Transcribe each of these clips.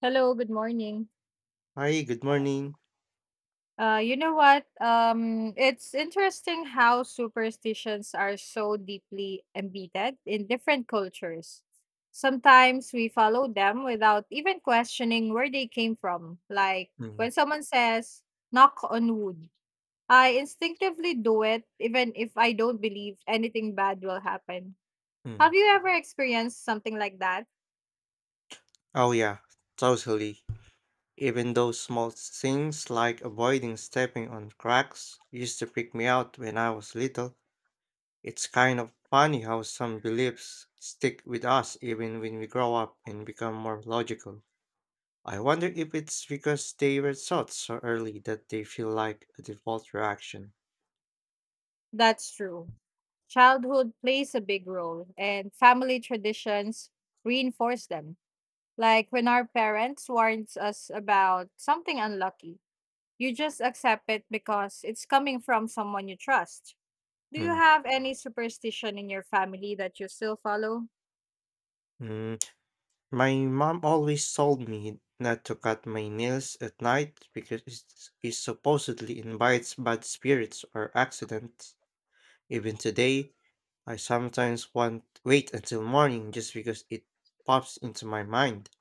Hello, good morning. Hi, good morning. You know what? It's interesting how superstitions are so deeply embedded in different cultures. Sometimes we follow them without even questioning where they came from. Like Mm, when someone says, knock on wood, I instinctively do it even if I don't believe anything bad will happen. Have mm. you ever experienced something like that? Oh, yeah, totally. Even those small things like avoiding stepping on cracks used to freak me out when I was little. It's kind of funny how some beliefs stick with us even when we grow up and become more logical. I wonder if it's because they were taught so early that they feel like a default reaction. That's true. Childhood plays a big role, and family traditions reinforce them. Like when our parents warns us about something unlucky, you just accept it because it's coming from someone you trust. Do you Mm, have any superstition in your family that you still follow? mm. My mom always told me not to cut my nails at night because it supposedly invites bad spirits or accidents. Even today, I sometimes want wait until morning just because it pops into my mind.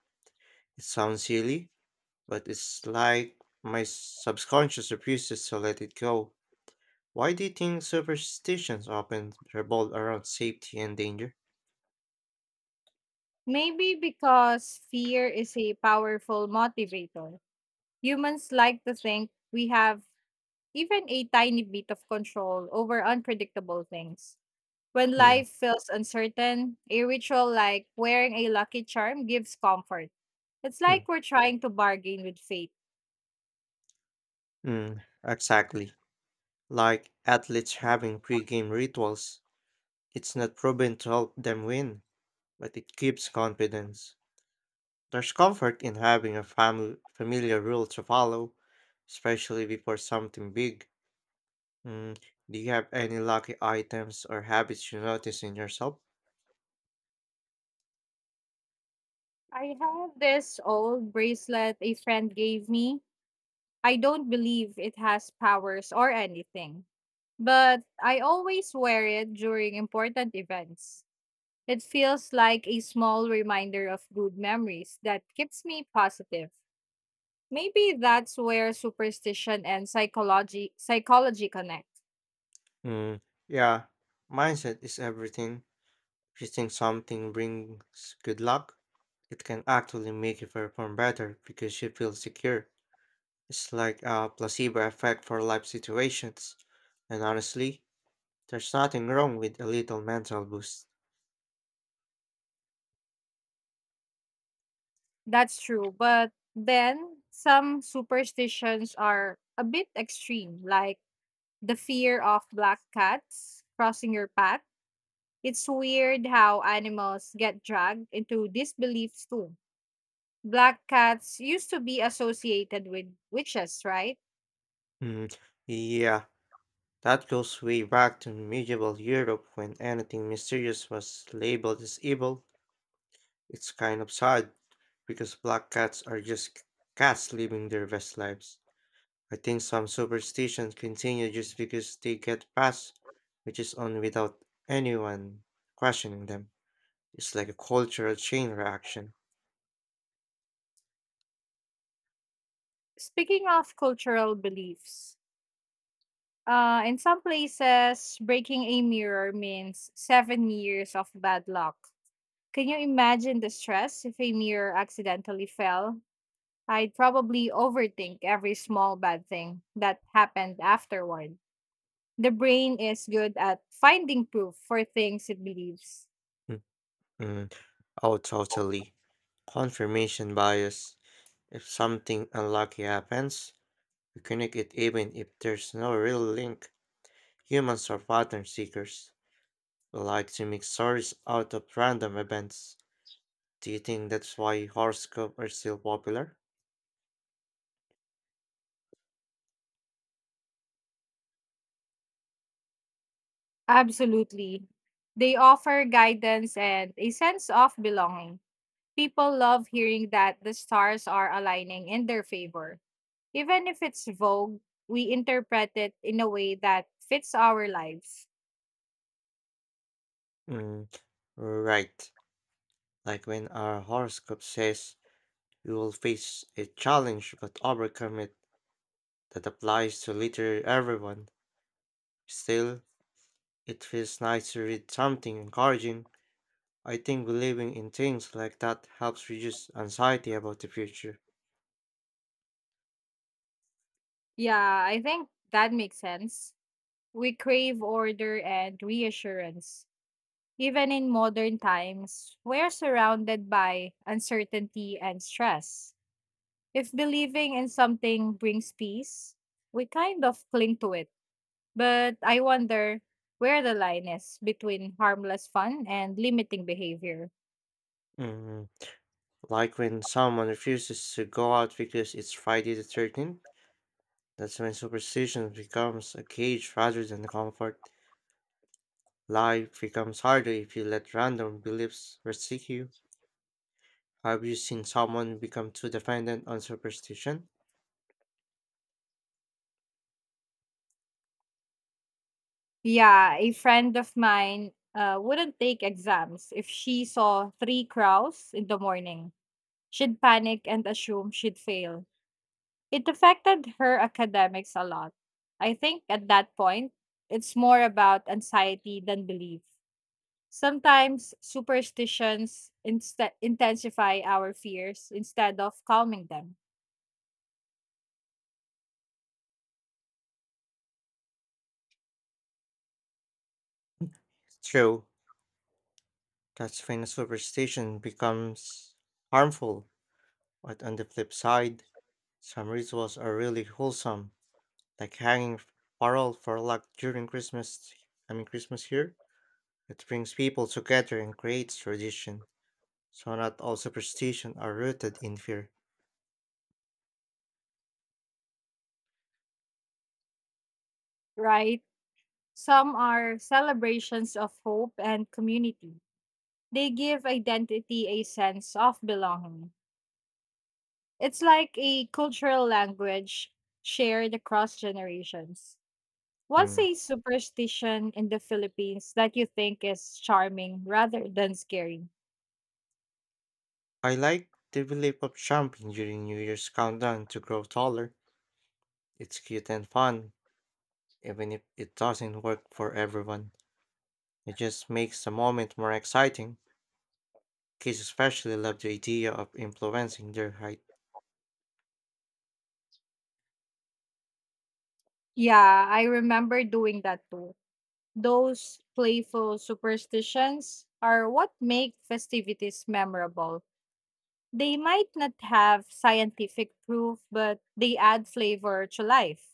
It sounds silly, but it's like my subconscious refuses to let it go. Why do you think superstitions often revolve around safety and danger? Maybe because fear is a powerful motivator. Humans like to think we have even a tiny bit of control over unpredictable things. When Mm. life feels uncertain, a ritual like wearing a lucky charm gives comfort. It's like Mm, we're trying to bargain with fate. mm, exactly. Like athletes having pre-game rituals, it's not proven to help them win, but it gives confidence. There's comfort in having a familiar rule to follow, especially before something big. Mm, do you have any lucky items or habits you notice in yourself? I have this old bracelet a friend gave me. I don't believe it has powers or anything, but I always wear it during important events. It feels like a small reminder of good memories that keeps me positive. Maybe that's where superstition and psychology connect. Mm, yeah, mindset is everything. If you think something brings good luck, it can actually make you perform better because you feel secure. It's like a placebo effect for life situations. And honestly, there's nothing wrong with a little mental boost. That's true. But then some superstitions are a bit extreme, like the fear of black cats crossing your path. It's weird how animals get dragged into these beliefs too. Black cats used to be associated with witches, right? Mm, yeah, that goes way back to medieval Europe when anything mysterious was labeled as evil. It's kind of sad because black cats are just cats living their best lives. I think some superstitions continue just because they get passed, which is on without anyone questioning them. It's like a cultural chain reaction. Speaking of cultural beliefs, in some places, breaking a mirror means 7 years of bad luck. Can you imagine the stress if a mirror accidentally fell? I'd probably overthink every small bad thing that happened afterward. The brain is good at finding proof for things it believes. Mm-mm. Oh, totally. Confirmation bias. If something unlucky happens, we connect it even if there's no real link. Humans are pattern seekers. We like to make stories out of random events. Do you think that's why horoscopes are still popular? Absolutely. They offer guidance and a sense of belonging. People love hearing that the stars are aligning in their favor. Even if it's vogue, we interpret it in a way that fits our lives. Mm, right. Like when our horoscope says you will face a challenge but overcome it, that applies to literally everyone. Still, it feels nice to read something encouraging. I think believing in things like that helps reduce anxiety about the future. Yeah, I think that makes sense. We crave order and reassurance. Even in modern times, we are surrounded by uncertainty and stress. If believing in something brings peace, we kind of cling to it. But I wonder where the line is between harmless fun and limiting behavior. Mm, like when someone refuses to go out because it's Friday the 13th, that's when superstition becomes a cage rather than a comfort. Life becomes harder if you let random beliefs restrict you. Have you seen someone become too dependent on superstition? Yeah, a friend of mine wouldn't take exams if she saw 3 crows in the morning. She'd panic and assume she'd fail. It affected her academics a lot. I think at that point, it's more about anxiety than belief. Sometimes superstitions intensify our fears instead of calming them, True, that's when superstition becomes harmful. But on the flip side, some rituals are really wholesome, like hanging parole for luck during Christmas. I mean Christmas here. It brings people together and creates tradition, so not all superstition are rooted in fear. right? Some are celebrations of hope and community. They give identity a sense of belonging. It's like a cultural language shared across generations. What's Hmm. a superstition in the Philippines that you think is charming rather than scary? I like the belief of jumping during New Year's countdown to grow taller. It's cute and fun, even if it doesn't work for everyone. It just makes the moment more exciting. Kids especially love the idea of influencing their height. Yeah, I remember doing that too. Those playful superstitions are what make festivities memorable. They might not have scientific proof, but they add flavor to life.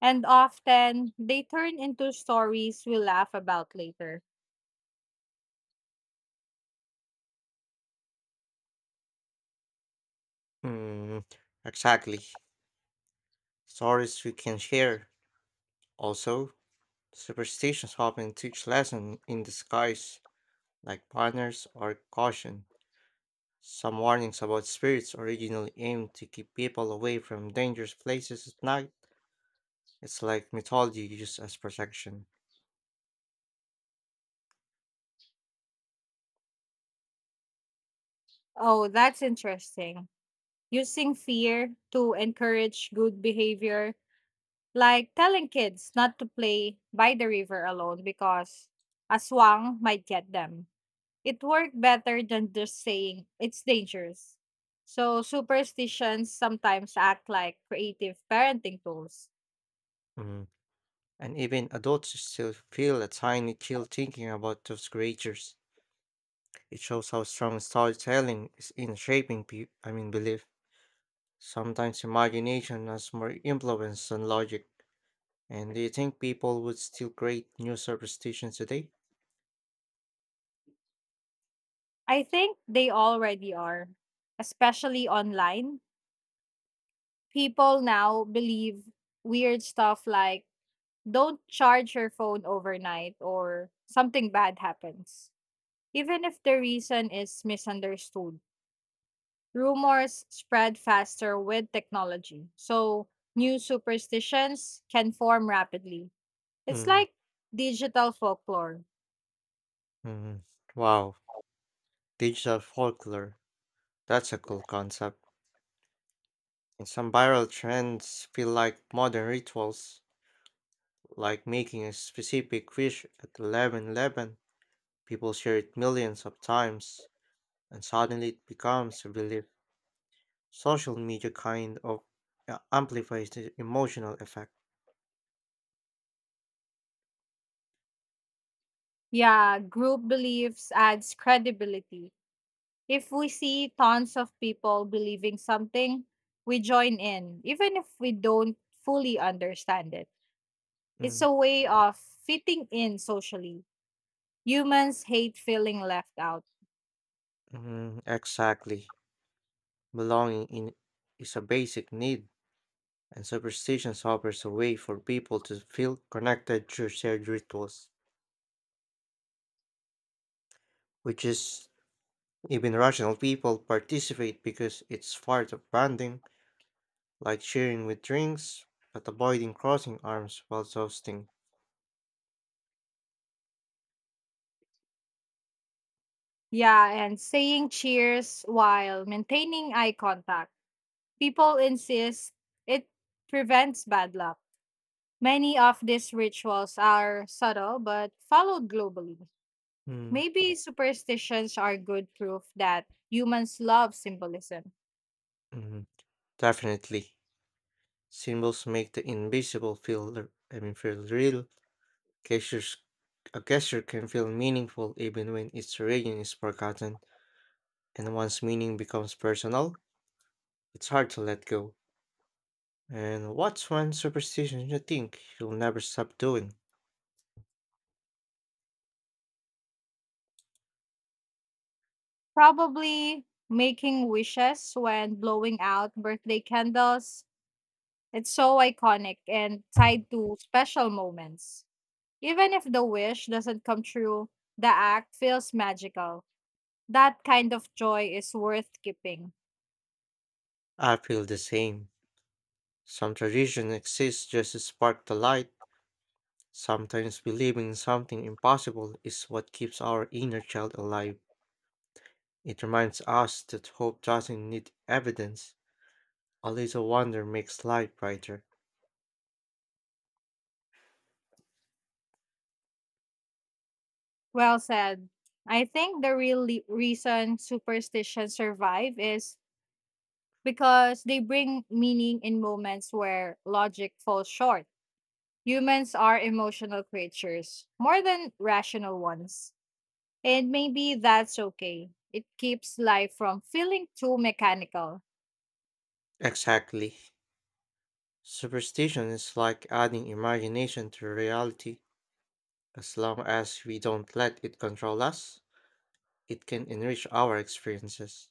And often, they turn into stories we laugh about later. Hmm, exactly. Stories we can share. Also, superstitions often teach lessons in disguise, like banners or caution. Some warnings about spirits originally aimed to keep people away from dangerous places at night. It's like mythology used as protection. Oh, that's interesting. Using fear to encourage good behavior. Like telling kids not to play by the river alone because a swang might get them. It worked better than just saying it's dangerous. So superstitions sometimes act like creative parenting tools. Mm. And even adults still feel a tiny chill thinking about those creatures. It shows how strong storytelling is in shaping I mean belief. Sometimes imagination has more influence than logic. And do you think people would still create new superstitions today? I think they already are, especially online. People now believe weird stuff like don't charge your phone overnight or something bad happens, even if the reason is misunderstood. Rumors spread faster with technology, so new superstitions can form rapidly. It's Mm, like digital folklore. mm. Wow, digital folklore. That's a cool concept. And some viral trends feel like modern rituals, like making a specific wish at 11:11. People share it millions of times, and suddenly it becomes a relief. Social media kind of amplifies the emotional effect. Yeah, group beliefs adds credibility. If we see tons of people believing something, we join in, even if we don't fully understand it. It's Mm, a way of fitting in socially. Humans hate feeling left out. mhm, exactly. Belonging in is a basic need, and superstitions offers a way for people to feel connected through shared rituals, which is even rational people participate because it's part of branding, like sharing with drinks, but avoiding crossing arms while toasting. Yeah, and saying cheers while maintaining eye contact. People insist it prevents bad luck. Many of these rituals are subtle but followed globally. Mm, Maybe superstitions are good proof that humans love symbolism. mm. Definitely, symbols make the invisible feel, I mean, feel real. Gestures, a gesture can feel meaningful even when its origin is forgotten, and once meaning becomes personal, it's hard to let go. And what's one superstition you think you'll never stop doing? Probably making wishes when blowing out birthday candles. It's so iconic and tied to special moments. Even if the wish doesn't come true, the act feels magical. That kind of joy is worth keeping. I feel the same. Some tradition exists just to spark the light. Sometimes believing in something impossible is what keeps our inner child alive. It reminds us that hope doesn't need evidence. A little wonder makes life brighter. Well said. I think the reason superstitions survive is because they bring meaning in moments where logic falls short. Humans are emotional creatures, more than rational ones. And maybe that's okay. It keeps life from feeling too mechanical. Exactly. Superstition is like adding imagination to reality. As long as we don't let it control us, it can enrich our experiences.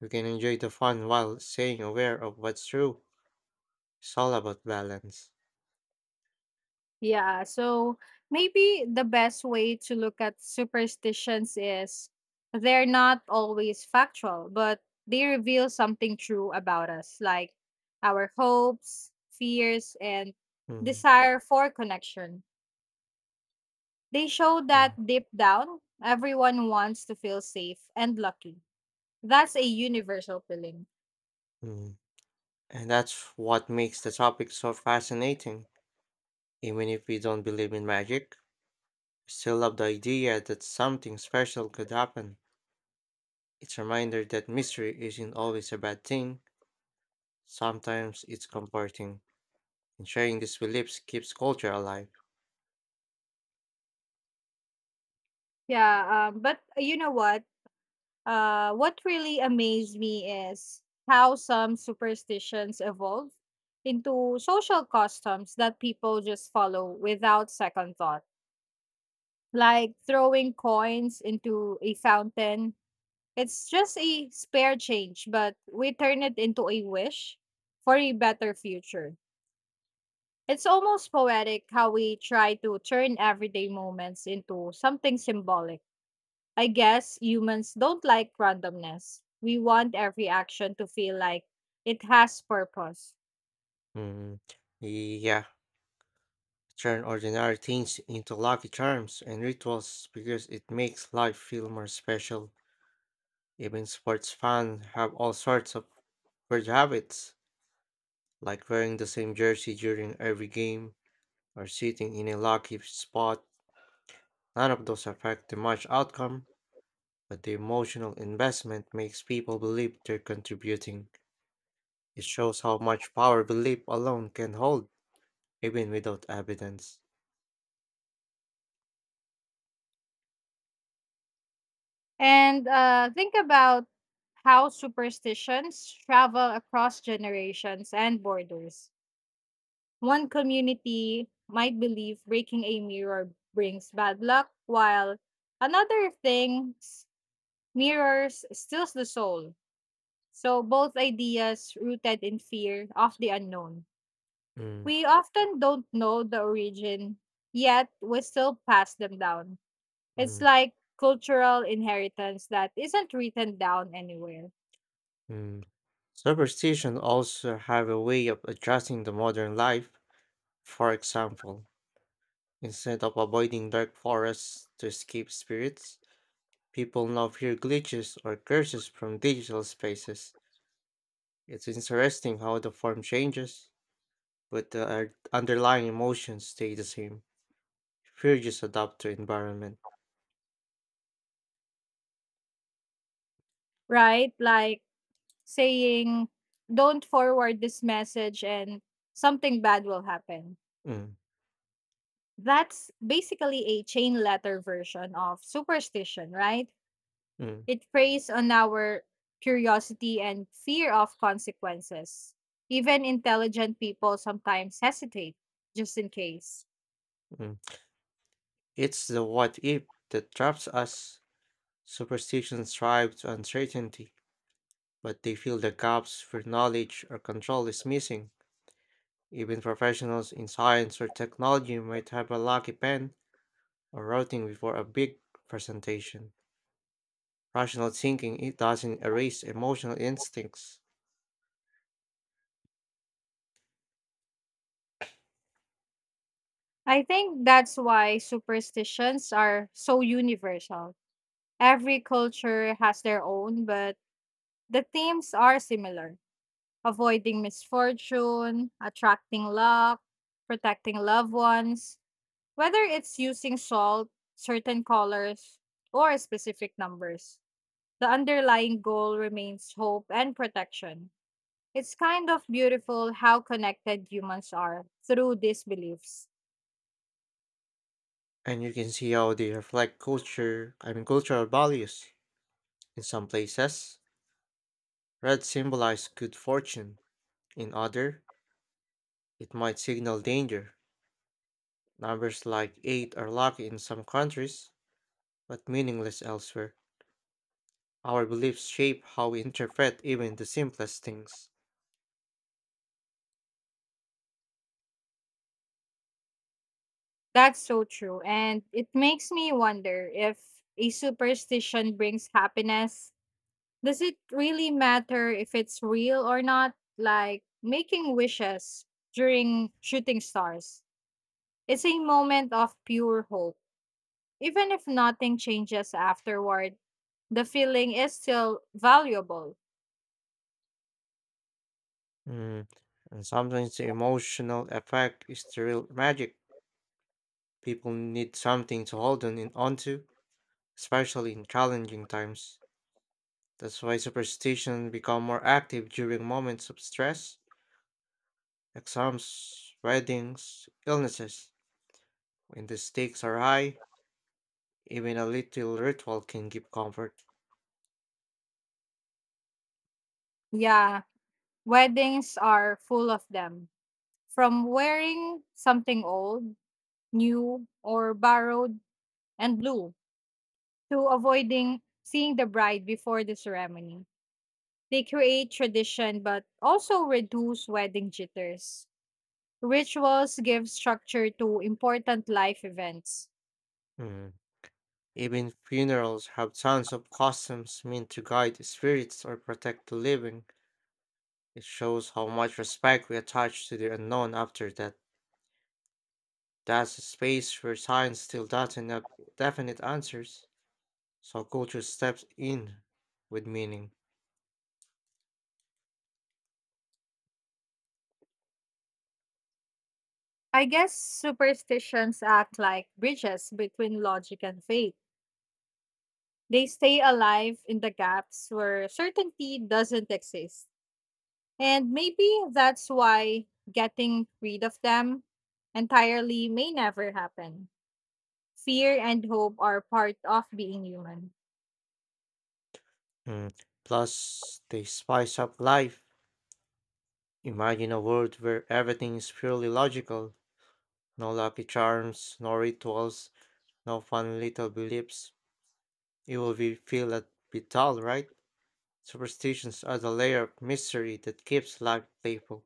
You can enjoy the fun while staying aware of what's true. It's all about balance. Yeah, so maybe the best way to look at superstitions is they're not always factual, but they reveal something true about us, like our hopes, fears, and Mm, desire for connection. They show mm, that deep down, everyone wants to feel safe and lucky. That's a universal feeling. mm. And that's what makes the topic so fascinating. Even if we don't believe in magic, we still love the idea that something special could happen. It's a reminder that mystery isn't always a bad thing, sometimes it's comforting, and sharing these beliefs keeps culture alive. Yeah, but you know what? What really amazed me is how some superstitions evolve into social customs that people just follow without second thought, like throwing coins into a fountain. It's just a spare change, but we turn it into a wish for a better future. It's almost poetic how we try to turn everyday moments into something symbolic. I guess humans don't like randomness. We want every action to feel like it has purpose. Mm, yeah, turn ordinary things into lucky charms and rituals because it makes life feel more special. Even sports fans have all sorts of weird habits, like wearing the same jersey during every game or sitting in a lucky spot. None of those affect the match outcome, but the emotional investment makes people believe they're contributing. It shows how much power belief alone can hold, even without evidence. And think about how superstitions travel across generations and borders. One community might believe breaking a mirror brings bad luck, while another thinks mirrors steals the soul. So both ideas rooted in fear of the unknown. Mm, We often don't know the origin, yet we still pass them down. It's mm, like cultural inheritance that isn't written down anywhere, mm. Superstition also have a way of adjusting the modern life. For example, instead of avoiding dark forests to escape spirits, people now fear glitches or curses from digital spaces. It's interesting how the form changes, but the underlying emotions stay the same. Refugees adapt to environment. right? Like saying, don't forward this message and something bad will happen. Mm, That's basically a chain letter version of superstition, right? mm, It preys on our curiosity and fear of consequences. Even intelligent people sometimes hesitate just in case. mm. It's the what if that traps us. Superstitions thrive to uncertainty, but they fill the gaps where knowledge or control is missing. Even professionals in science or technology might have a lucky pen or routing before a big presentation. Rational thinking it doesn't erase emotional instincts, I think that's why superstitions are so universal. Every culture has their own, but the themes are similar: avoiding misfortune, attracting luck, protecting loved ones, whether it's using salt, certain colors, or specific numbers. The underlying goal remains hope and protection. It's kind of beautiful how connected humans are through these beliefs. and you can see how they reflect culture. I mean cultural values. In some places, red symbolize good fortune. In other, it might signal danger. Numbers like 8 are lucky in some countries, but meaningless elsewhere. Our beliefs shape how we interpret even the simplest things. That's so true. And it makes me wonder if a superstition brings happiness. Does it really matter if it's real or not? Like making wishes during shooting stars. It's a moment of pure hope. Even if nothing changes afterward, the feeling is still valuable. Mm, and sometimes the emotional effect is the real magic. People need something to hold on in onto, especially in challenging times. That's why superstition become more active during moments of stress, exams, weddings, illnesses. When the stakes are high, even a little ritual can give comfort. Yeah, weddings are full of them. From wearing something old, new, or borrowed and blue to avoiding seeing the bride before the ceremony. They create tradition but also reduce wedding jitters. Rituals give structure to important life events. Mm. Even funerals have tons of customs meant to guide the spirits or protect the living. It shows how much respect we attach to the unknown after that. That's a space where science still doesn't have definite answers, so culture steps in with meaning. I guess superstitions act like bridges between logic and faith. They stay alive in the gaps where certainty doesn't exist. And maybe that's why getting rid of them entirely may never happen. Fear and hope are part of being human. Mm. Plus, they spice up life. Imagine a world where everything is purely logical, no lucky charms, no rituals, no fun little beliefs. It will be feel a bit dull, right? Superstitions are the layer of mystery that keeps life playful.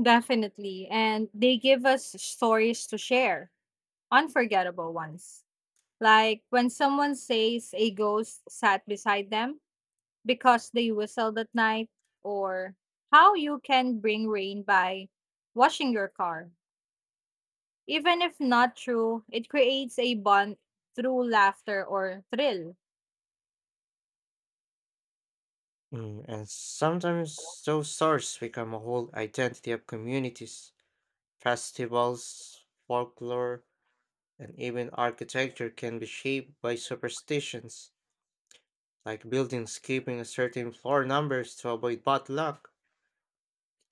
Definitely. And they give us stories to share, unforgettable ones. Like when someone says a ghost sat beside them because they whistled at night, or how you can bring rain by washing your car. Even if not true, it creates a bond through laughter or thrill. Mm, and sometimes those stories become a whole identity of communities. Festivals, folklore, and even architecture can be shaped by superstitions, like buildings keeping a certain floor numbers to avoid bad luck.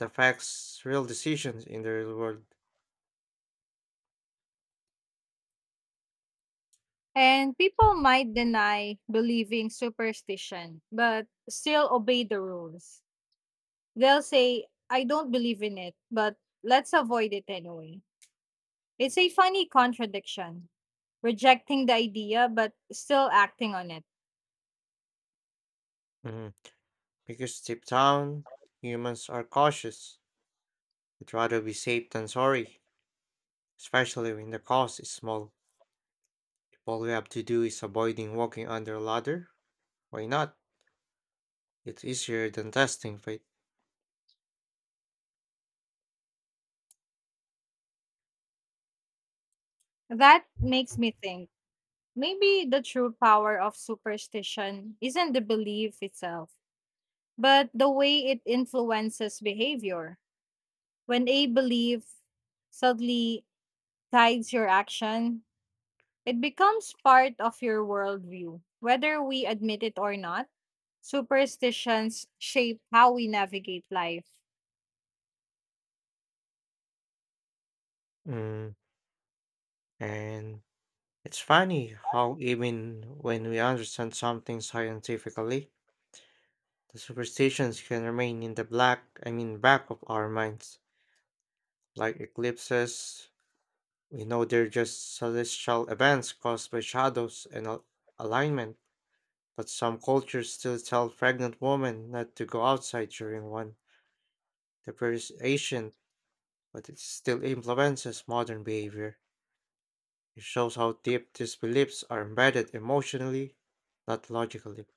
It affects real decisions in the real world. And people might deny believing superstition, but still obey the rules. They'll say, I don't believe in it, but let's avoid it anyway. It's a funny contradiction, rejecting the idea, but still acting on it. Mhm. Because deep down, humans are cautious. We'd rather be safe than sorry, especially when the cost is small. If all you have to do is avoiding walking under a ladder, why not? It's easier than testing fate. That makes me think maybe the true power of superstition isn't the belief itself, but the way it influences behavior. When a belief suddenly guides your action, it becomes part of your worldview. Whether we admit it or not, superstitions shape how we navigate life. Mm. And it's funny how even when we understand something scientifically, the superstitions can remain in the black, I mean back of our minds. Like eclipses, we know they're just celestial events caused by shadows and alignment, but some cultures still tell pregnant women not to go outside during one. The prayer is ancient, but it still influences modern behavior. It shows how deep these beliefs are embedded emotionally, not logically.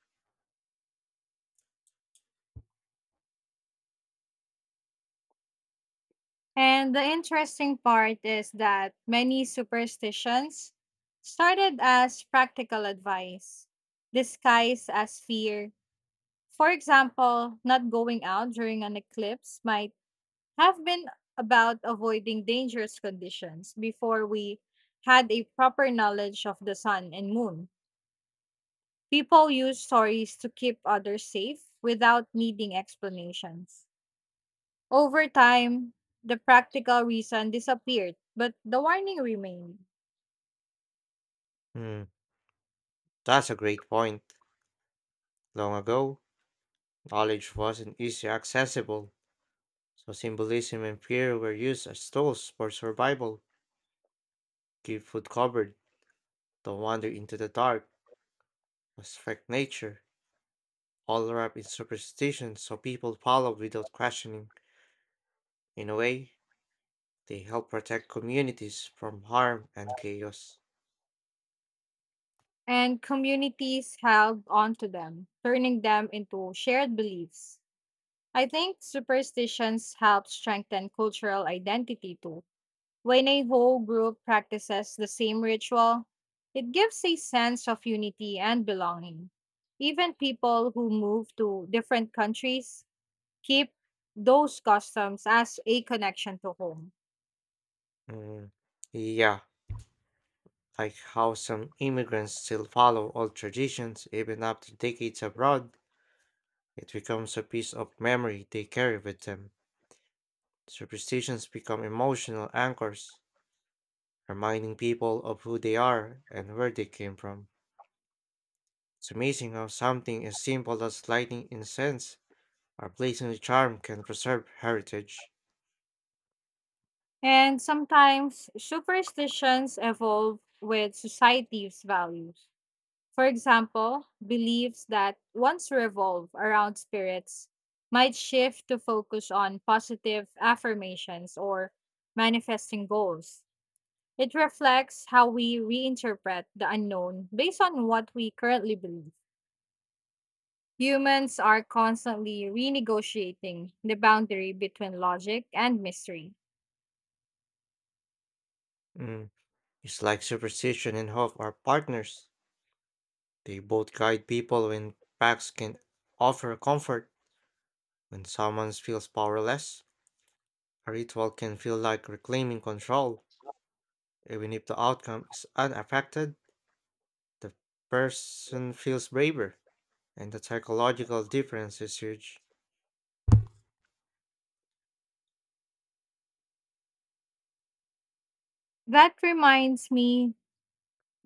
And the interesting part is that many superstitions started as practical advice, disguised as fear. For example, not going out during an eclipse might have been about avoiding dangerous conditions before we had a proper knowledge of the sun and moon. People use stories to keep others safe without needing explanations. Over time, the practical reason disappeared, but the warning remained, Hmm, that's a great point. Long ago, knowledge wasn't easily accessible, so symbolism and fear were used as tools for survival. Keep food covered, don't wander into the dark, respect nature, all wrapped in superstition so people follow without questioning. In a way, they help protect communities from harm and chaos. and communities held on to them, turning them into shared beliefs. I think superstitions help strengthen cultural identity too. When a whole group practices the same ritual, it gives a sense of unity and belonging. Even people who move to different countries keep those customs as a connection to home. Mm, yeah, like how some immigrants still follow old traditions even after decades abroad, it becomes a piece of memory they carry with them. Superstitions become emotional anchors, reminding people of who they are and where they came from. It's amazing how something as simple as lighting incense or placing a charm can preserve heritage. And sometimes superstitions evolve with society's values. For example, beliefs that once revolve around spirits might shift to focus on positive affirmations or manifesting goals. It reflects how we reinterpret the unknown based on what we currently believe. Humans are constantly renegotiating the boundary between logic and mystery. Mm, it's like superstition and hope are partners. They both guide people when packs can offer comfort. When someone feels powerless, a ritual can feel like reclaiming control. Even if the outcome is unaffected, the person feels braver, and the psychological difference is huge. That reminds me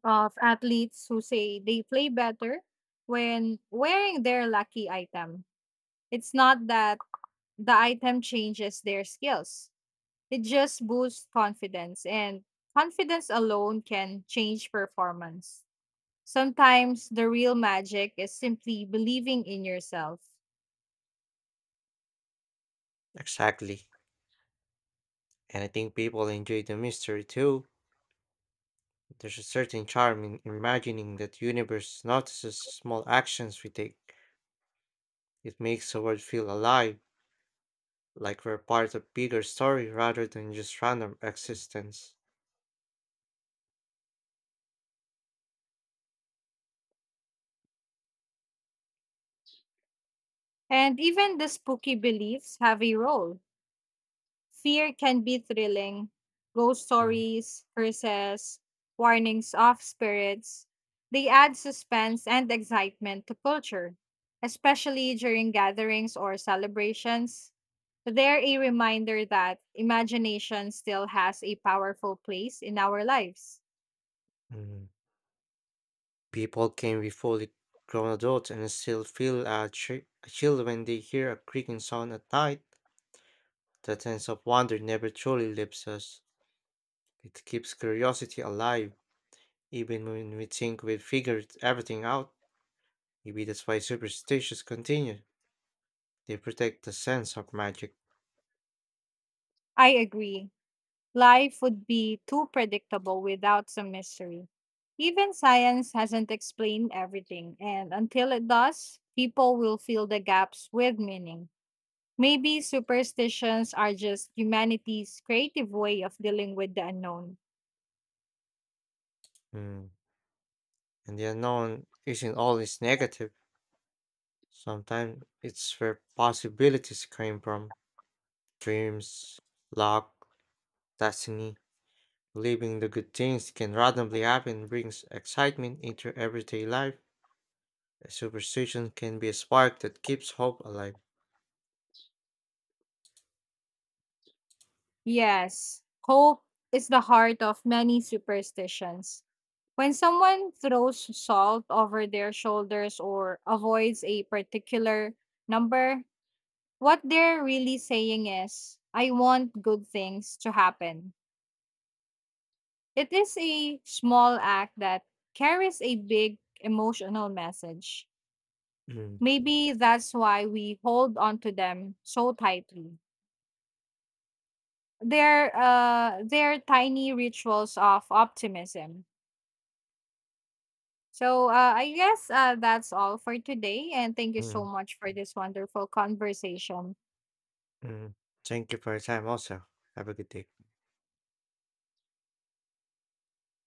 of athletes who say they play better when wearing their lucky item. It's not that the item changes their skills, it just boosts confidence, and confidence alone can change performance. Sometimes the real magic is simply believing in yourself. Exactly. And I think people enjoy the mystery too. There's a certain charm in imagining that universe notices small actions we take. It makes the world feel alive, like we're part of bigger story rather than just random existence. And even the spooky beliefs have a role. Fear can be thrilling. Ghost Mm, stories, curses, warnings of spirits. They add suspense and excitement to culture, especially during gatherings or celebrations. They're a reminder that imagination still has a powerful place in our lives. mm. People can be fully grown adults and still feel a, a chill when they hear a creaking sound at night. That sense of wonder never truly leaves us. It keeps curiosity alive, even when we think we've figured everything out. Maybe that's why superstitions continue. They protect the sense of magic. I agree. Life would be too predictable without some mystery. Even science hasn't explained everything, and until it does, people will fill the gaps with meaning. Maybe superstitions are just humanity's creative way of dealing with the unknown. Mm. And the unknown isn't always negative. Sometimes it's where possibilities came from, dreams, luck, destiny. Believing the good things can randomly happen brings excitement into everyday life. A superstition can be a spark that keeps hope alive. Yes, hope is the heart of many superstitions. When someone throws salt over their shoulders or avoids a particular number, what they're really saying is, I want good things to happen. It is a small act that carries a big emotional message. Mm, Maybe that's why we hold on to them so tightly. They're tiny rituals of optimism. So I guess that's all for today. And thank you so mm, much for this wonderful conversation. mm. Thank you for your time, also. Have a good day.